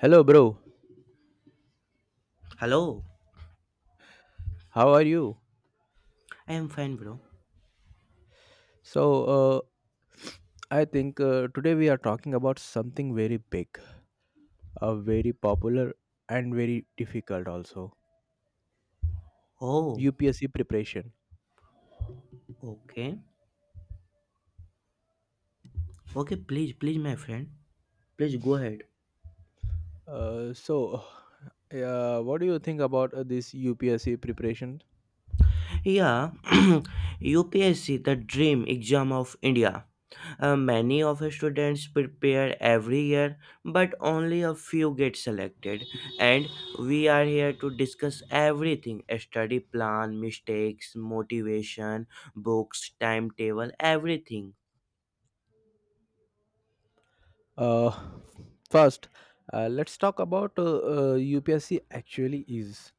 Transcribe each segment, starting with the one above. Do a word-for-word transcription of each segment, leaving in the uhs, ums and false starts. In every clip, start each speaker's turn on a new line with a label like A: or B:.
A: Hello, bro.
B: Hello,
A: How are you?
B: I am fine, bro.
A: So, uh, I think uh, today we are talking about something very big, uh, very popular, and very difficult also
B: Oh,
A: U P S C preparation.
B: okay. Okay, please, please, my friend. Please go ahead.
A: Uh, so, uh, what do you think about uh, this U P S C preparation?
B: Yeah, U P S C, the dream exam of India. Uh, many of the students prepare every year, but only a few get selected. And we are here to discuss everything: a study plan, mistakes, motivation, books, timetable, everything.
A: Uh, First, uh, let's talk about uh, uh, U P S C actually is.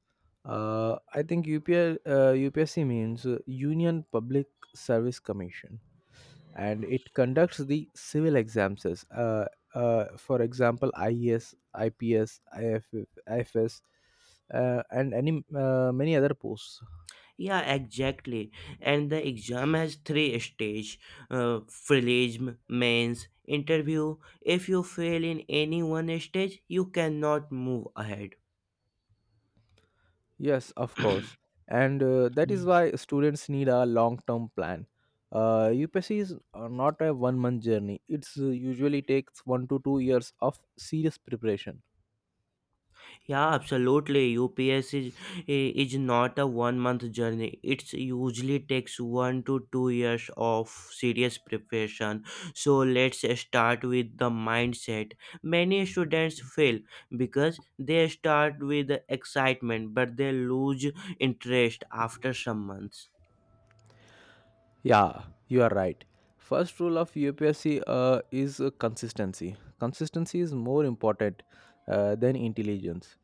A: Uh, I think U P S, uh, U P S C means uh, Union Public Service Commission, and it conducts the civil exams as, uh, uh, for example, ies, ips, ifs, uh, and any uh, many other posts.
B: Yeah, exactly. And the exam has three stage: uh, prelim, mains, interview. If you fail in any one stage, you cannot move ahead.
A: Yes, of course. And uh, that is why students need a long term plan. uh, UPSC is uh, not a one month journey. It's uh, usually takes one to two years of serious preparation.
B: Yeah, absolutely. U P S is is not a one month journey. It usually takes one to two years of serious preparation. So let's start with the mindset. Many students fail because they start with excitement, but they lose interest after some months.
A: Yeah, you are right. First rule of U P S C uh, is uh, consistency. Consistency is more important uh, than intelligence.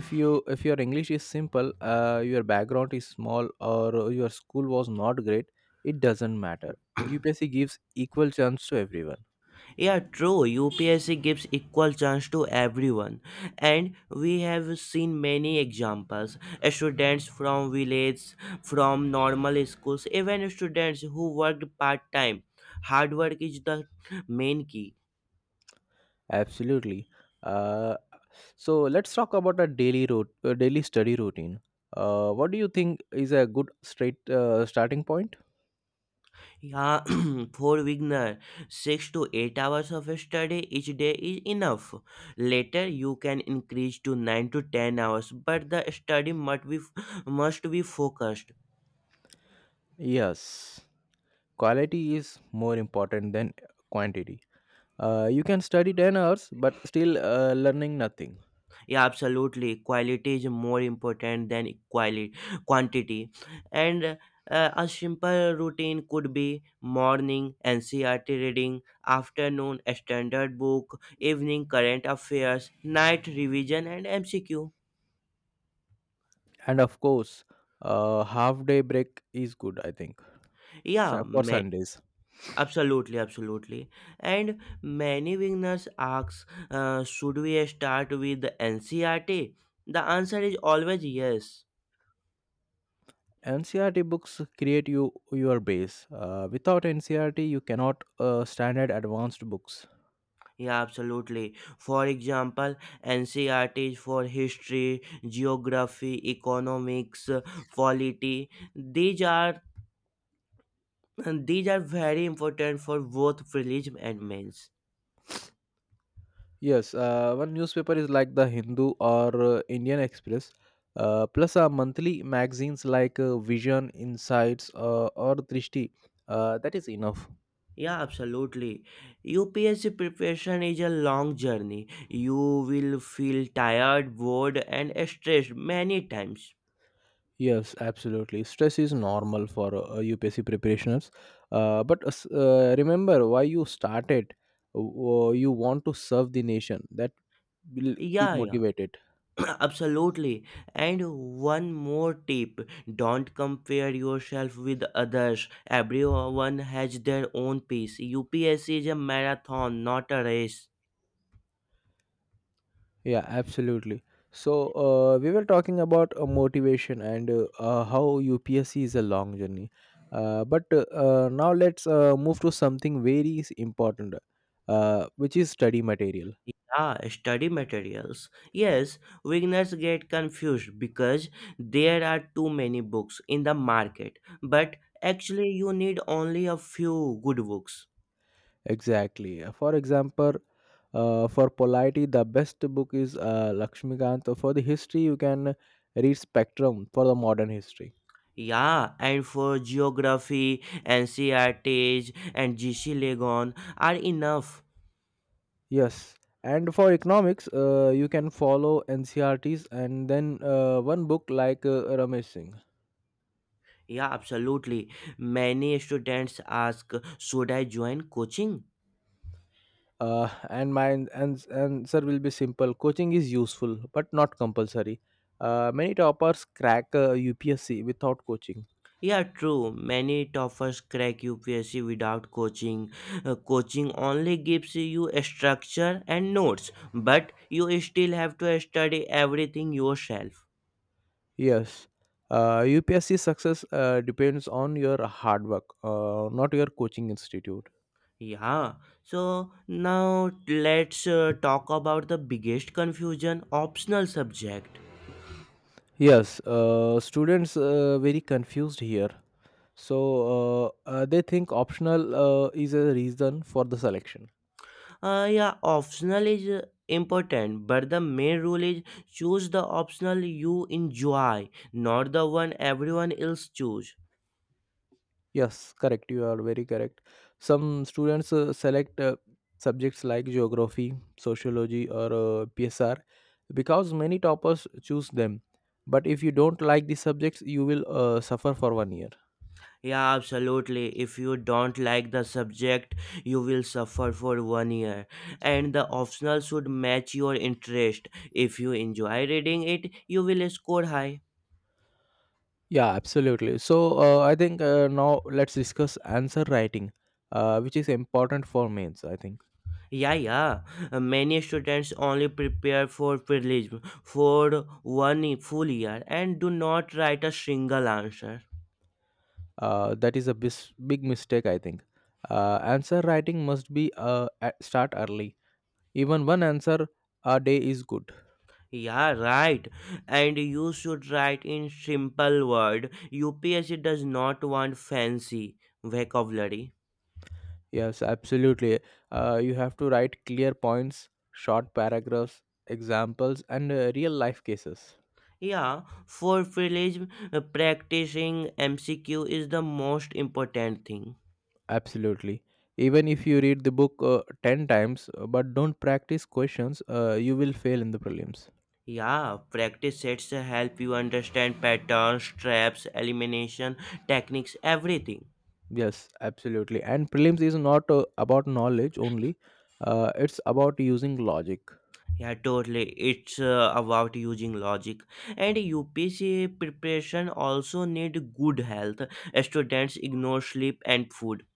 A: If you if your English is simple, uh, your background is small, or your school was not great, it doesn't matter. U P S C gives equal chance to everyone.
B: Yeah, true. U P S C gives equal chance to everyone, and we have seen many examples. Students from villages, from normal schools, even students who worked part time. Hard work is the main key.
A: Absolutely. Uh, so let's talk about a daily route, uh, daily study routine. Uh, what do you think is a good straight uh, starting point?
B: Yeah, for beginner, six to eight hours of study each day is enough. Later, you can increase to nine to ten hours, but the study must be must be focused.
A: Yes, quality is more important than quantity. Uh, you can study ten hours but still uh, learning nothing.
B: Yeah, absolutely, quality is more important than quality quantity. And uh, a simple routine could be: morning N C R T reading, afternoon standard book, evening current affairs, night revision and M C Q.
A: And of course, uh, half day break is good, I think,
B: yeah
A: su- for
B: ma-
A: Sundays.
B: Absolutely, absolutely. And many beginners ask, uh, should we start with the N C R T? The answer is always yes.
A: N C R T books create you your base. Uh, without N C R T, you cannot uh, standard advanced books.
B: Yeah, absolutely. For example, N C R T is for history, geography, economics, uh, polity. These are these are very important for both prelims and mains.
A: Yes, uh, one newspaper is like the Hindu or uh, Indian Express, uh, plus uh, monthly magazines like uh, Vision, Insights, uh, or Drishti. Uh, that is enough.
B: Yeah, absolutely. U P S C preparation is a long journey. You will feel tired, bored, and stressed many times.
A: Yes, absolutely. Stress is normal for uh, U P S C preparationers. Uh, but uh, s- uh, remember why you started. Uh, you want to serve the nation. That will keep
B: Yeah, yeah.
A: motivated.
B: Absolutely. And one more tip: don't compare yourself with others. Everyone has their own pace. U P S C is a marathon, not a race.
A: Yeah, absolutely. So uh, we were talking about uh, motivation and uh, uh, how U P S C is a long journey. Uh, but uh, uh, now let's uh, move to something very s- important, uh, which is study material.
B: Yeah, study materials. Yes, beginners get confused because there are too many books in the market, but actually, you need only a few good books.
A: Exactly. Uh, For example, uh, for polity, the best book is uh, Lakshmikant. For the history, you can read Spectrum for the modern history.
B: Yeah, and for geography, N C R Ts and G C Legon are enough.
A: Yes. And for economics, uh, you can follow N C R Ts and then uh, one book like uh, Ramesh Singh.
B: Yeah, absolutely. Many students ask, should I join coaching?
A: Uh, and my ans- answer will be simple. Coaching is useful, but not compulsory. Uh, many toppers crack uh, U P S C without coaching.
B: Yeah, true. Many toppers crack U P S C without coaching. Uh, coaching only gives you a structure and notes, but you still have to study everything yourself.
A: Yes, uh, U P S C success uh, depends on your hard work, uh, not your coaching institute.
B: Yeah, so now let's uh, talk about the biggest confusion: optional subject.
A: Yes, uh, students uh, very confused here. So uh, uh, they think optional uh, is a reason for the selection.
B: Uh, yeah, optional is uh, important, but the main rule is: choose the optional you enjoy, not the one everyone else choose.
A: Yes, correct. You are very correct. Some students uh, select uh, subjects like geography, sociology, or uh, P S R because many toppers choose them. But if you don't like the subjects, you will uh, suffer for one year.
B: Yeah, absolutely. If you don't like the subject, you will suffer for one year. And the optional should match your interest. If you enjoy reading it, you will score high.
A: Yeah, absolutely. So uh, I think uh, now let's discuss answer writing, uh, which is important for mains. I think
B: Yeah, yeah. Uh, Many students only prepare for prelim for one full year and do not write a single answer.
A: uh, that is a bis- big mistake. I think uh, answer writing must be uh, at start early. Even one answer a day is good.
B: Yeah, right. And you should write in simple word. U P S C does not want fancy vocabulary.
A: Yes, absolutely. Uh, you have to write clear points, short paragraphs, examples, and uh, real life cases.
B: Yeah, for village uh, practicing M C Q is the most important thing.
A: Absolutely. Even if you read the book uh, ten times uh, but don't practice questions, uh, you will fail in the prelims.
B: Yeah, practice sets help you understand patterns, traps, elimination techniques, everything.
A: Yes, absolutely. And prelims is not uh, about knowledge only, uh, it's about using logic.
B: Yeah, totally. It's uh, about using logic. And U P C preparation also need good health. Students ignore sleep and food.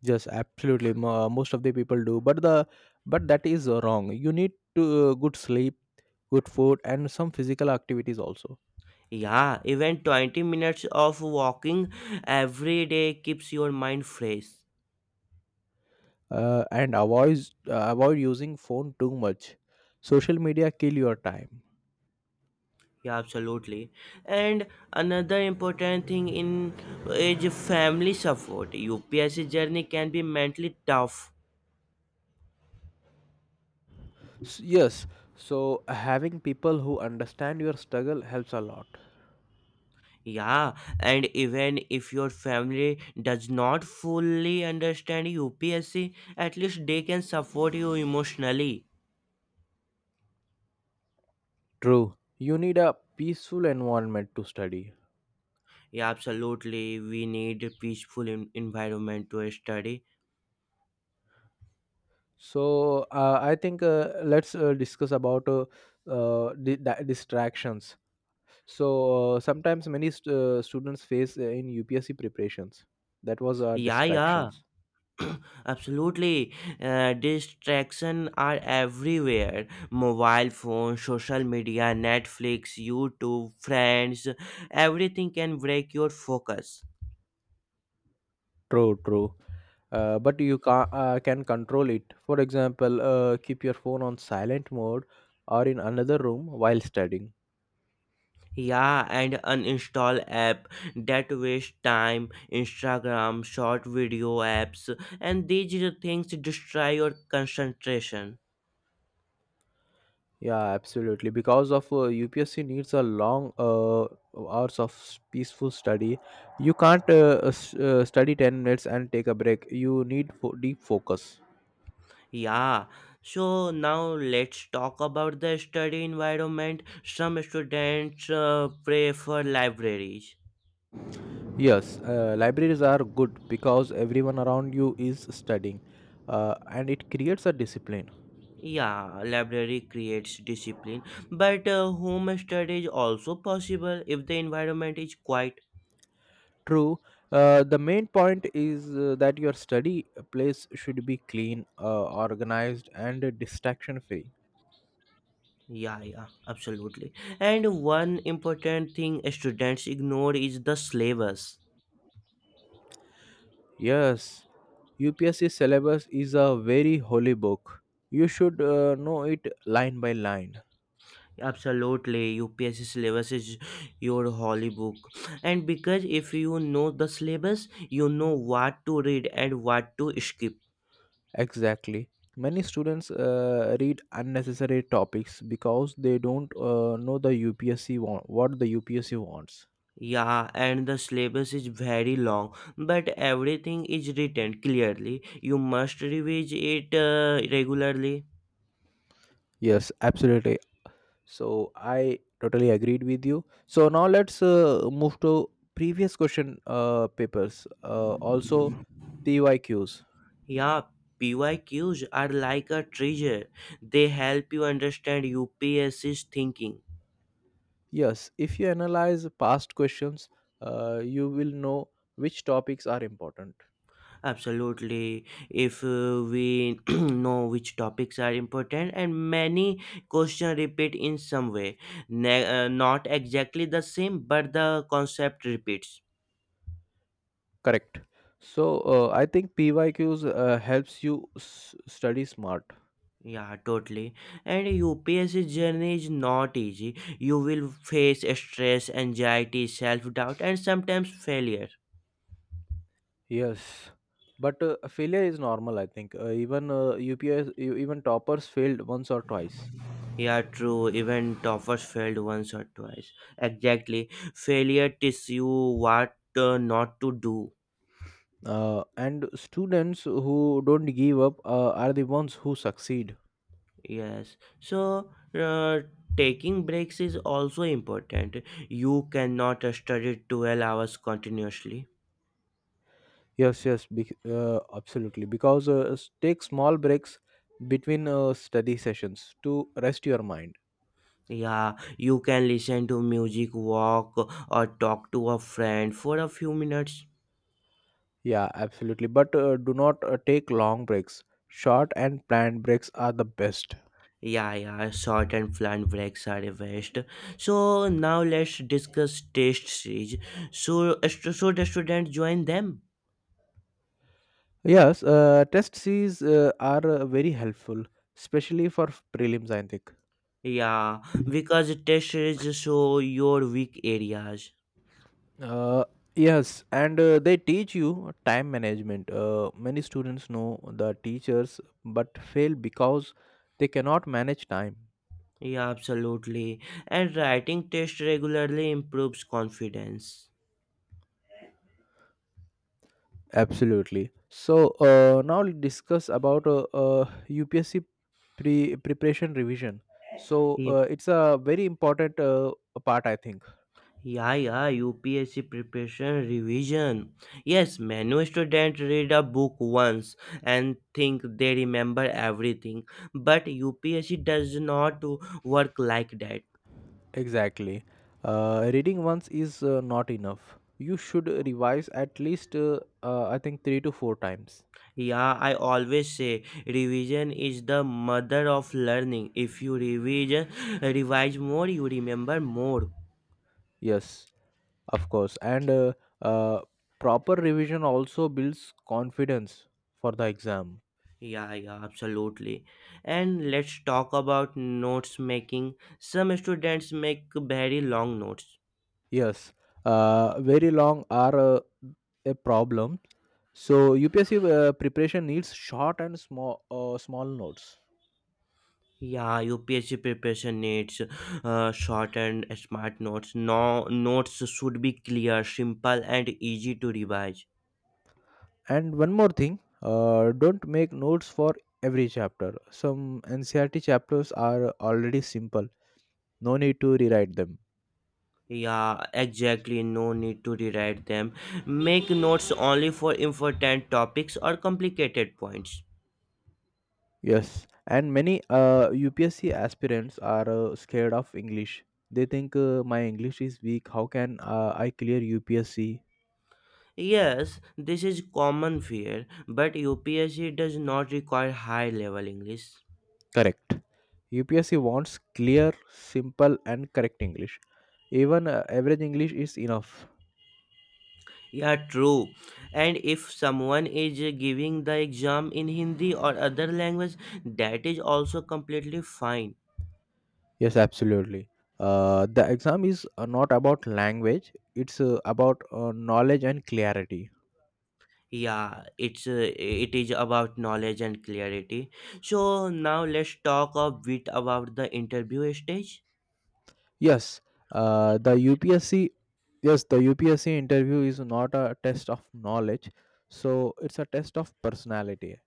A: Yes, absolutely. Mo- most of the people do, but the but that is uh, wrong. You need to uh, good sleep, good food, and some physical activities also.
B: Yeah, even twenty minutes of walking every day keeps your mind fresh.
A: Uh, and avoid uh, avoid using phone too much. Social media kill your time.
B: Yeah, absolutely. And another important thing in is family support. U P S C journey can be mentally tough.
A: S- Yes, so having people who understand your struggle helps a lot.
B: Yeah, and even if your family does not fully understand U P S C, at least they can support you emotionally.
A: True. You need a peaceful environment to study.
B: Yeah, absolutely. We need a peaceful en- environment to study.
A: So uh, I think uh, let's uh, discuss about uh, uh, di- di- distractions. So uh, Sometimes many st- uh, students face uh, in U P S C preparations. That was uh,
B: Yeah, yeah,
A: distractions.
B: absolutely. Uh, distraction are everywhere. Mobile phone, social media, Netflix, YouTube, friends, everything can break your focus.
A: True, true. Uh, but you can uh, can control it. For example, uh, keep your phone on silent mode or in another room while studying.
B: Yeah, and uninstall app that waste time: Instagram, short video apps, and these are things destroy your concentration.
A: Yeah, absolutely. Because of uh, U P S C needs a long uh, hours of s- peaceful study. You can't uh, uh, s- uh, study ten minutes and take a break. You need fo- deep focus.
B: Yeah, so now let's talk about the study environment. Some students uh, prefer libraries.
A: Yes, uh, libraries are good because everyone around you is studying uh, and it creates a discipline.
B: Yeah, library creates discipline, but uh, home study is also possible if the environment is quiet.
A: True, uh, the main point is uh, that your study place should be clean, uh, organized, and distraction free.
B: Yeah, yeah, absolutely. And one important thing students ignore is the syllabus.
A: Yes, U P S C syllabus is a very holy book. You should uh, know it line by line.
B: Absolutely, U P S C syllabus is your holy book. And because if you know the syllabus, you know what to read and what to skip.
A: Exactly. Many students uh, read unnecessary topics because they don't uh, know the U P S C want, what the U P S C wants.
B: Yeah, and the syllabus is very long, but everything is written clearly. You must revise it uh, regularly.
A: Yes, absolutely. So I totally agreed with you. So now let's uh, move to previous question uh, papers. Uh, also, P Y Qs.
B: Yeah, P Y Qs are like a treasure. They help you understand U P S C's thinking.
A: Yes, if you analyze past questions, uh, you will know which topics are important.
B: Absolutely. If uh, we know which topics are important. And many questions repeat in some way. Ne- uh, not exactly the same, but the concept repeats.
A: Correct. So uh, I think P Y Qs uh, helps you s- study smart.
B: Yeah, totally. And U P S C journey is not easy. You will face stress, anxiety, self doubt, and sometimes failure.
A: Yes, but uh, failure is normal. I think uh, even uh, U P S, e- even toppers failed once or twice.
B: Yeah, true. Even toppers failed once or twice. Exactly. Failure teaches you what uh, not to do.
A: Uh, and students who don't give up uh, are the ones who succeed.
B: Yes. So, uh, taking breaks is also important. You cannot study twelve hours continuously.
A: Yes, yes, bec- uh, absolutely. Because uh, s- take small breaks between uh, study sessions to rest your mind.
B: Yeah, you can listen to music, walk, or talk to a friend for a few minutes.
A: Yeah, absolutely. But uh, do not uh, take long breaks. Short and planned breaks are the best.
B: Yeah, yeah, short and flat breaks are the best. So now let's discuss test series. So stu- should the student join them?
A: Yes, uh, test Cs uh, are uh, very helpful, especially for prelims, I think.
B: Yeah, because test series show your weak areas.
A: Uh, yes, and uh, they teach you time management. Uh, many students know the teachers but fail because they cannot manage time.
B: Yeah, absolutely. And writing test regularly improves confidence.
A: Absolutely. So uh, now let's discuss about uh, uh, U P S C pre preparation revision. So uh, it's a very important uh, part, I think.
B: Yeah, yeah, U P S C preparation revision. Yes, many students read a book once and think they remember everything, but U P S C does not work like that.
A: Exactly. Uh, reading once is uh, not enough. You should revise at least, uh, uh, I think, three to four times.
B: Yeah, I always say revision is the mother of learning. If you revision, revise more, you remember more.
A: Yes, of course. And uh, uh, proper revision also builds confidence for the exam.
B: Yeah, yeah, absolutely. And let's talk about notes making. Some students make very long notes.
A: Yes, uh, very long are uh, a problem. So U P S C uh, preparation needs short and small uh, small notes.
B: Yeah, U P S C preparation needs uh, short and smart notes. No notes should be clear, simple, and easy to revise.
A: And one more thing, uh, don't make notes for every chapter. Some N C R T chapters are already simple. No need to rewrite them.
B: Yeah, exactly. No need to rewrite them. Make notes only for important topics or complicated points.
A: Yes, and many uh, U P S C aspirants are uh, scared of English. They think uh, my English is weak. How can uh, I clear U P S C?
B: Yes, this is common fear, but U P S C does not require high level English.
A: Correct. U P S C wants clear, simple, and correct English. Even uh, average English is enough.
B: Yeah, true. And if someone is uh, giving the exam in Hindi or other language, that is also completely fine.
A: Yes, absolutely. Uh, the exam is uh, not about language, it's uh, about uh, knowledge and clarity.
B: Yeah, it's uh, it is about knowledge and clarity. So now let's talk a bit about the interview stage.
A: Yes, uh, the U P S C, yes, the U P S C interview is not a test of knowledge, so it's a test of personality.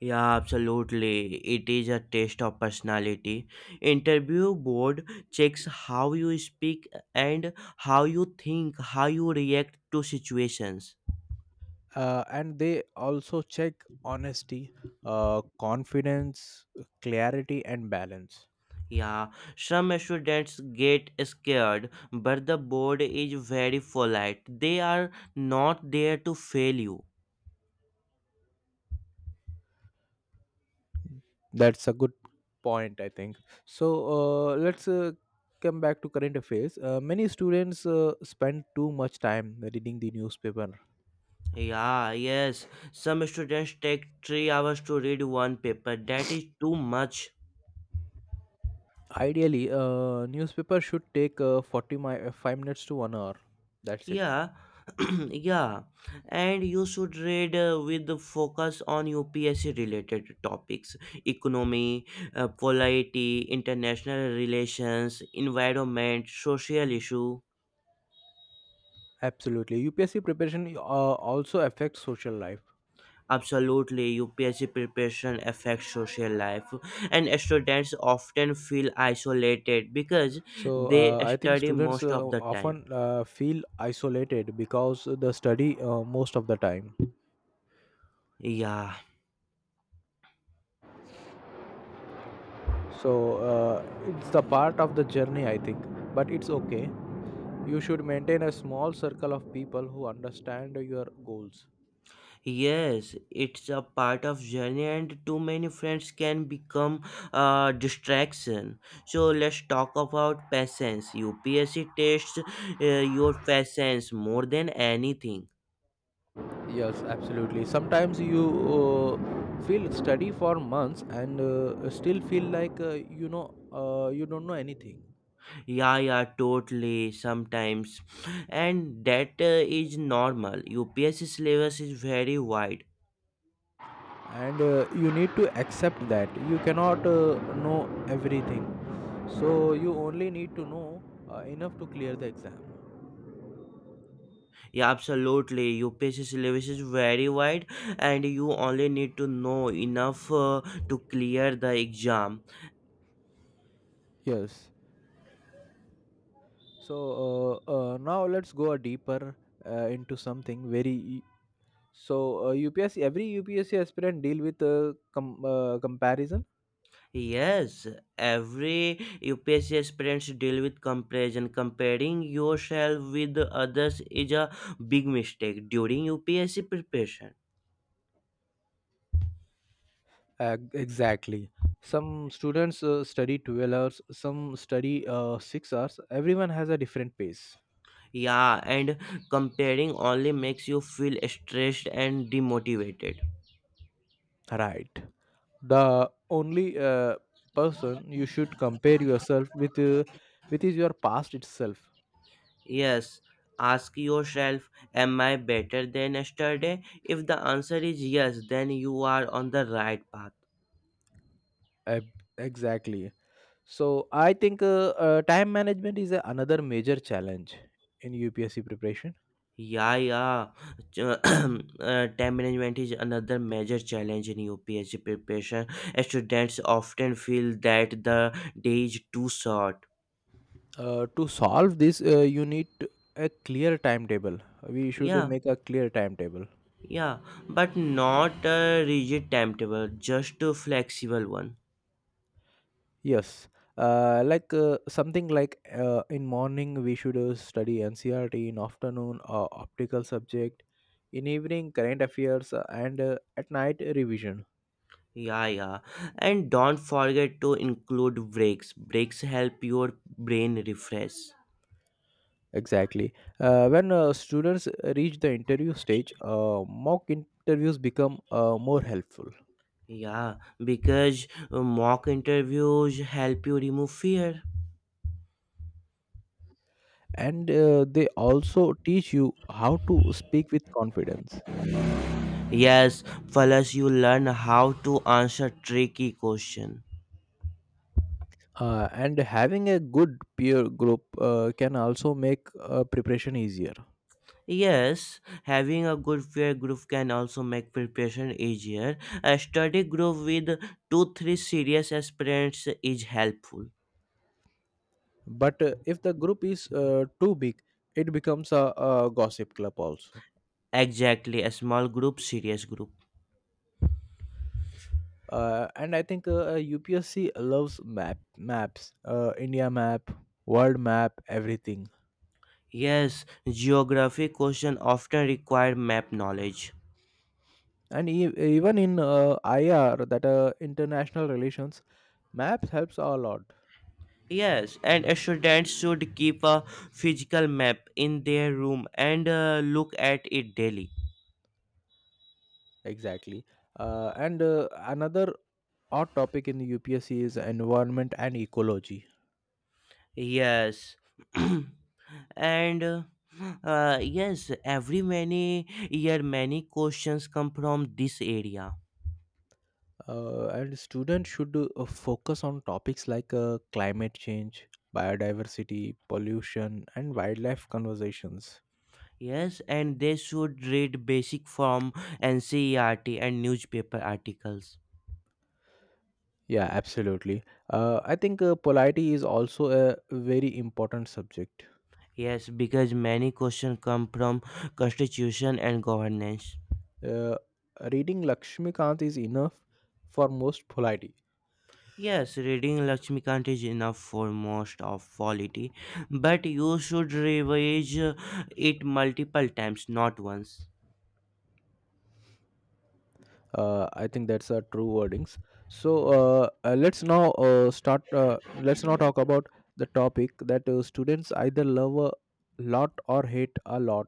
B: Yeah, absolutely. It is a test of personality. Interview board checks how you speak and how you think, how you react to situations.
A: Uh, and they also check honesty, uh, confidence, clarity, and balance.
B: Yeah, some students get scared, but the board is very polite. They are not there to fail you.
A: That's a good point, I think. So uh, let's uh, come back to current affairs. Uh, many students uh, spend too much time reading the newspaper.
B: Yeah, yes. Some students take three hours to read one paper. That is too much.
A: Ideally, uh, newspaper should take uh, forty mi- uh, five minutes to one hour. That's it.
B: Yeah, yeah. And you should read uh, with the focus on U P S C related topics: economy, uh, polity, international relations, environment, social issue.
A: Absolutely. U P S C preparation uh, also affects social life.
B: Absolutely, U P S C preparation affects social life, and students often feel isolated because
A: So
B: they
A: uh, I think
B: study
A: students
B: most
A: uh,
B: of the time.
A: often uh, feel isolated because they study uh, most of the time.
B: Yeah,
A: So uh, it's the part of the journey, I think. But it's okay. You should maintain a small circle of people who understand your goals.
B: yes, it's a part of journey, and too many friends can become a distraction. So let's talk about patience. U P S C tests uh, your patience more than anything.
A: Yes, absolutely. Sometimes you uh, feel study for months and uh, still feel like uh, you know uh, you don't know anything,
B: Yeah, yeah, totally. Sometimes, and that uh, is normal. U P S C syllabus is very wide.
A: and uh, you need to accept that you cannot uh, know everything. So you only need to know uh, enough to clear the exam.
B: Yeah, absolutely. U P S C syllabus is very wide, and you only need to know enough uh, to clear the exam.
A: Yes. So uh, uh, now let's go deeper uh, into something very. So uh, U P S C, every U P S C aspirant deal with uh, com- uh, comparison.
B: Yes, every U P S C aspirants deal with comparison. Comparing yourself with others is a big mistake during U P S C preparation.
A: Uh, exactly. Some students uh, study twelve hours, some study uh, six hours. Everyone has a different pace.
B: Yeah, and comparing only makes you feel stressed and demotivated.
A: Right. The only uh, person you should compare yourself with uh, with is your past itself.
B: Yes, ask yourself, "Am I better than yesterday?" If the answer is yes, then you are on the right path.
A: Ab- exactly. So I think uh, uh, time management is another major challenge in U P S C preparation.
B: Yeah, yeah. Ch- uh, time management is another major challenge in U P S C preparation. Students often feel that the day is too short.
A: Uh, to solve this, uh, you need a clear timetable. We should
B: Yeah,
A: make a clear timetable.
B: yeah, but not a rigid timetable, just a flexible one.
A: Yes, uh, like uh, something like uh, in morning we should uh, study N C R T, in afternoon uh, optical subject, in evening current affairs, uh, and uh, at night uh, revision.
B: Yeah, yeah. And don't forget to include breaks. Breaks help your brain refresh.
A: Exactly. Uh, when uh, students reach the interview stage, uh, mock interviews become uh, more helpful,
B: Yeah, because uh, mock interviews help you remove fear.
A: and uh, they also teach you how to speak with confidence.
B: Yes, plus you learn how to answer tricky question.
A: Uh, and having a good peer group uh, can also make uh, preparation easier.
B: Yes, having a good peer group can also make preparation easier. A study group with two three serious aspirants is helpful.
A: But uh, if the group is uh, too big, it becomes a, a gossip club also.
B: Exactly, a small group, serious group.
A: Uh, and I think uh, U P S C loves map maps, uh, India map, world map, everything.
B: Yes, geography questions often require map knowledge.
A: And e- even in uh, I R, that uh, international relations, maps helps a lot.
B: Yes, and students should keep a physical map in their room and uh, look at it daily.
A: Exactly. Uh, and uh, another hot topic in the U P S C is environment and ecology.
B: Yes. And uh, uh, yes, every many year many questions come from this area.
A: Uh, and students should uh, focus on topics like uh, climate change, biodiversity, pollution, and wildlife conversations.
B: Yes, and they should read basic from N C E R T and newspaper articles.
A: Yeah, absolutely. Uh, I think uh, polity is also a very important subject.
B: Yes, because many questions come from constitution and governance.
A: Uh, Reading Lakshmikant is enough for most polity.
B: Yes, reading Lakshmikant is enough for most of polity, but you should revise uh, it multiple times, not once.
A: Uh, I think that's a true wordings. So uh, uh, let's now uh, start. Uh, let's now talk about the topic that uh, students either love a lot or hate a lot.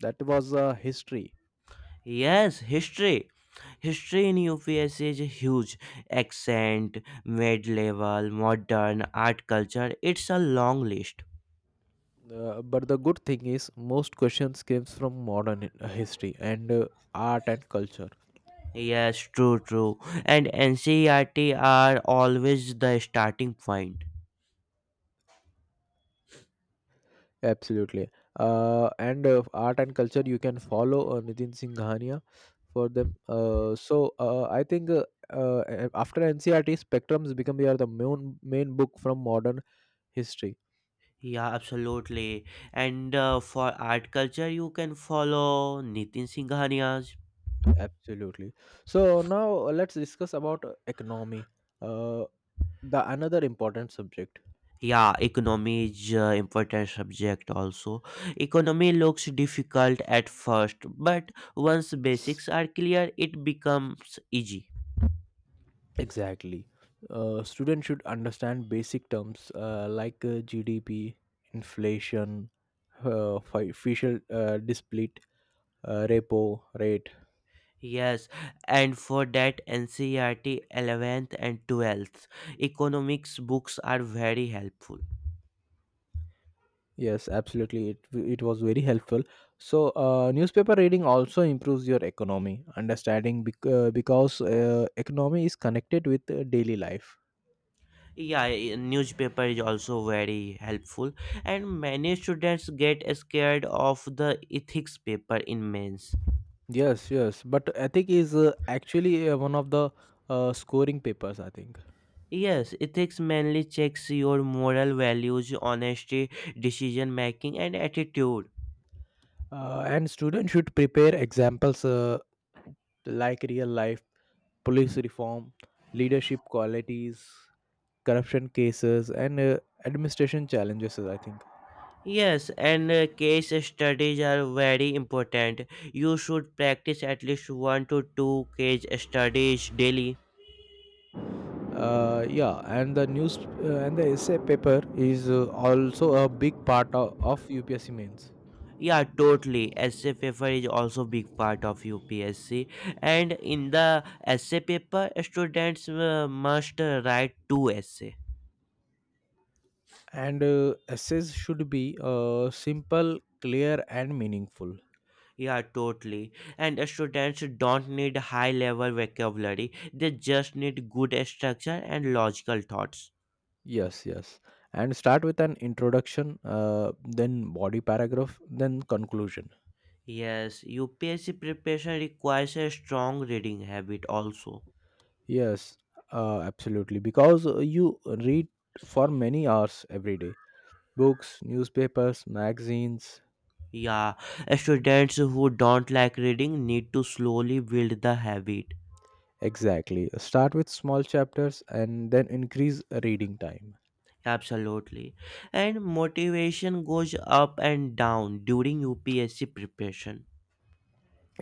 A: That was uh, history.
B: Yes, history. History in U P S is huge. Accent, mid level, modern, art culture, it's a long list.
A: Uh, but the good thing is, most questions comes from modern hi- history and uh, art and culture.
B: Yes, true, true. And N C E R T are always the starting point.
A: Absolutely. Uh, and uh, Art and culture, you can follow uh, Nitin Singhania for them. Uh, so uh, I think uh, uh, a- after N C R T, Spectrums become your the main main book from modern history.
B: Yeah, absolutely. And uh, for art culture, you can follow Nitin Singhania's.
A: Absolutely. So now uh, let's discuss about uh, economy. Uh, the another important subject.
B: Yeah, economy is uh, important subject also. Economy looks difficult at first, but once basics are clear, it becomes easy.
A: Exactly. Uh, students should understand basic terms uh, like uh, G D P, inflation, uh, fi- official uh, split, uh, repo rate.
B: Yes, and for that N C E R T eleventh and twelfth economics books are very helpful.
A: Yes, absolutely. It, it was very helpful. So, uh, newspaper reading also improves your economy understanding bec- uh, because uh, economy is connected with uh, daily life.
B: Yeah, i- newspaper is also very helpful, and many students get scared of the ethics paper in mains.
A: Yes, yes. But ethic is uh, actually uh, one of the uh, scoring papers, I think.
B: Yes, ethics mainly checks your moral values, honesty, decision making, and attitude.
A: Uh, and students should prepare examples uh, like real life, police reform, leadership qualities, corruption cases, and uh, administration challenges. I think.
B: Yes, and uh, case studies are very important. You should practice at least one to two case studies daily.
A: Uh, yeah, and the news uh, and the essay paper is uh, also a big part of, of U P S C mains.
B: Yeah, totally. Essay paper is also big part of U P S C, and in the essay paper, students uh, must uh, write two essay.
A: And uh, essays should be uh, simple, clear, and meaningful.
B: Yeah, totally. And students don't need high level vocabulary; they just need good structure and logical thoughts.
A: Yes, yes. And start with an introduction, uh, then body paragraph, then conclusion.
B: Yes, U P S C preparation requires a strong reading habit also.
A: Yes, uh, absolutely. Because uh, you read for many hours every day: books, newspapers, magazines.
B: Yeah, students who don't like reading need to slowly build the habit.
A: Exactly. Start with small chapters and then increase reading time.
B: Absolutely. And motivation goes up and down during U P S C preparation.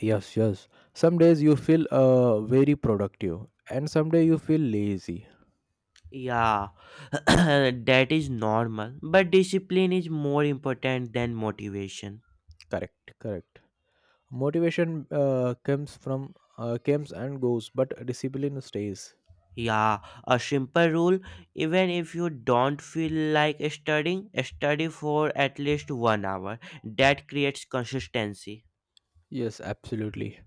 A: Yes, yes. Some days you feel uh, very productive and some day you feel lazy.
B: Yeah, that is normal. But discipline is more important than motivation.
A: Correct, correct. Motivation uh, comes from uh, comes and goes, but discipline stays.
B: Yeah, a simple rule: even if you don't feel like studying, study for at least one hour. That creates consistency.
A: Yes, absolutely.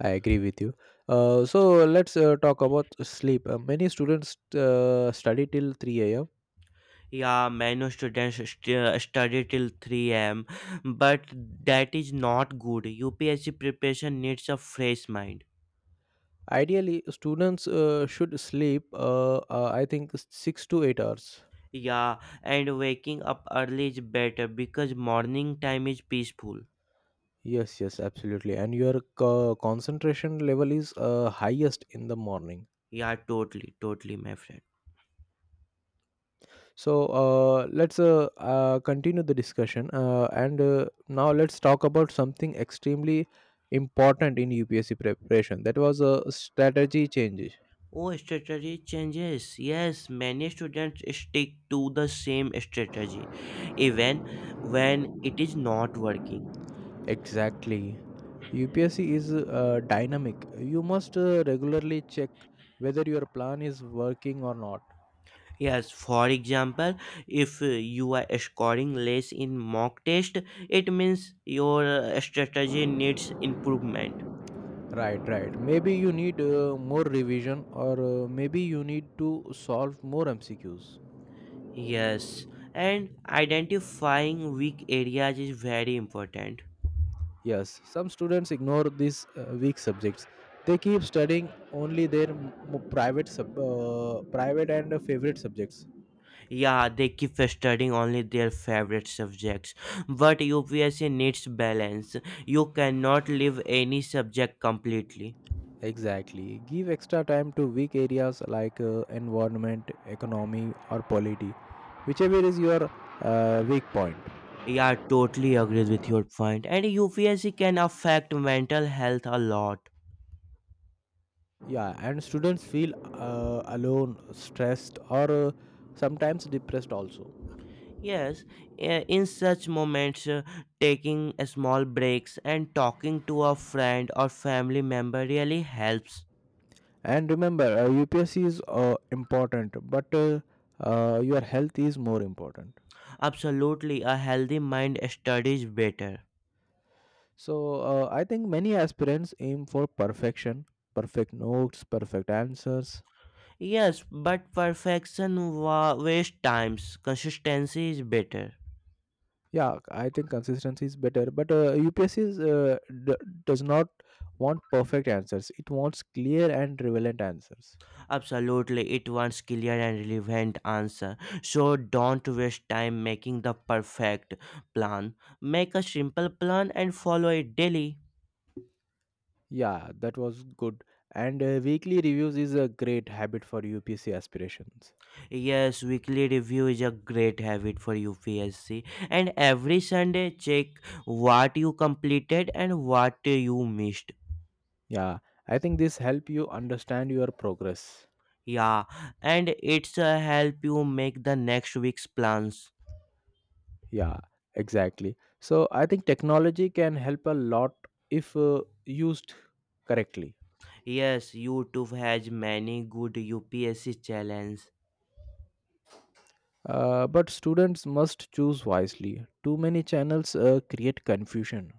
A: I agree with you. Uh, so let's uh, talk about sleep. Uh, many students uh, study till three a m.
B: Yeah, many students st- study till three a m, but that is not good. U P S C preparation needs a fresh mind.
A: Ideally, students uh, should sleep, uh, uh, I think, six to eight hours.
B: Yeah, and waking up early is better because morning time is peaceful.
A: Yes, yes, absolutely. And your co- concentration level is uh, highest in the morning.
B: Yeah, totally, totally, my friend.
A: So uh, let's uh, uh, continue the discussion. Uh, and uh, Now let's talk about something extremely important in U P S C preparation. That was a strategy change.
B: Oh, strategy changes. Yes, many students stick to the same strategy even when it is not working.
A: Exactly. U P S C is uh, dynamic. You must uh, regularly check whether your plan is working or not.
B: Yes, for example, if uh, you are scoring less in mock test, it means your uh, strategy needs improvement.
A: Right, right. Maybe you need uh, more revision or uh, maybe you need to solve more M C Qs.
B: Yes, and identifying weak areas is very important.
A: Yes, some students ignore these uh, weak subjects. They keep studying only their m- private sub, uh, private and uh, favorite subjects.
B: Yeah, they keep studying only their favorite subjects, but U P S C needs balance. You cannot leave any subject completely.
A: Exactly. Give extra time to weak areas like uh, environment, economy, or polity, whichever is your uh, weak point.
B: Yeah, totally agree with your point. And U P S C can affect mental health a lot.
A: Yeah, and students feel uh, alone, stressed, or uh, sometimes depressed also.
B: Yes, eh, in such moments, uh, taking a small breaks and talking to a friend or family member really helps.
A: And remember, uh, U P S C is uh, important, but uh, uh, your health is more important.
B: Absolutely, a healthy mind studies better.
A: So uh, I think many aspirants aim for perfection, perfect notes, perfect answers.
B: Yes, but perfection wa- wastes times. Consistency is better.
A: Yeah, I think consistency is better, but uh, U P S C is, uh, d- does not want perfect answers. It wants clear and relevant answers.
B: Absolutely, it wants clear and relevant answer. So don't waste time making the perfect plan. Make a simple plan and follow it daily.
A: Yeah, that was good. And uh, weekly reviews is a great habit for U P S C aspirations.
B: Yes, weekly review is a great habit for U P S C. And every Sunday, check what you completed and what you missed.
A: Yeah, I think this help you understand your progress.
B: Yeah, and it's uh, help you make the next week's plans.
A: Yeah, exactly. So I think technology can help a lot if uh, used correctly.
B: Yes, YouTube has many good U P S C challenges.
A: Uh, but students must choose wisely. Too many channels uh, create confusion.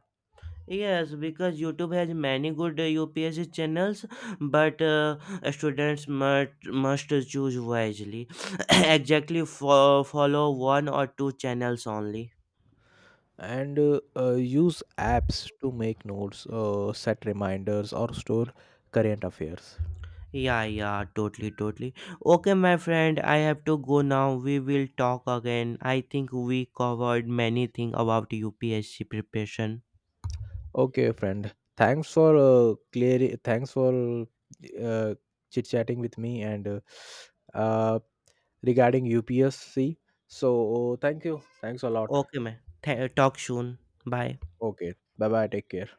B: Yes, because YouTube has many good uh, U P S C channels, but uh, students must must choose wisely. Exactly, fo- follow one or two channels only.
A: And uh, uh, use apps to make notes, uh, set reminders, or store current affairs.
B: Yeah, yeah, totally, totally. Okay, my friend, I have to go now. We will talk again. I think we covered many things about U P S C preparation.
A: Okay, friend. Thanks for uh, clear. Thanks for uh, chit chatting with me and uh, uh, regarding U P S C. So thank you. Thanks a lot.
B: Okay, man. Th- talk soon. Bye.
A: Okay. Bye bye. Take care.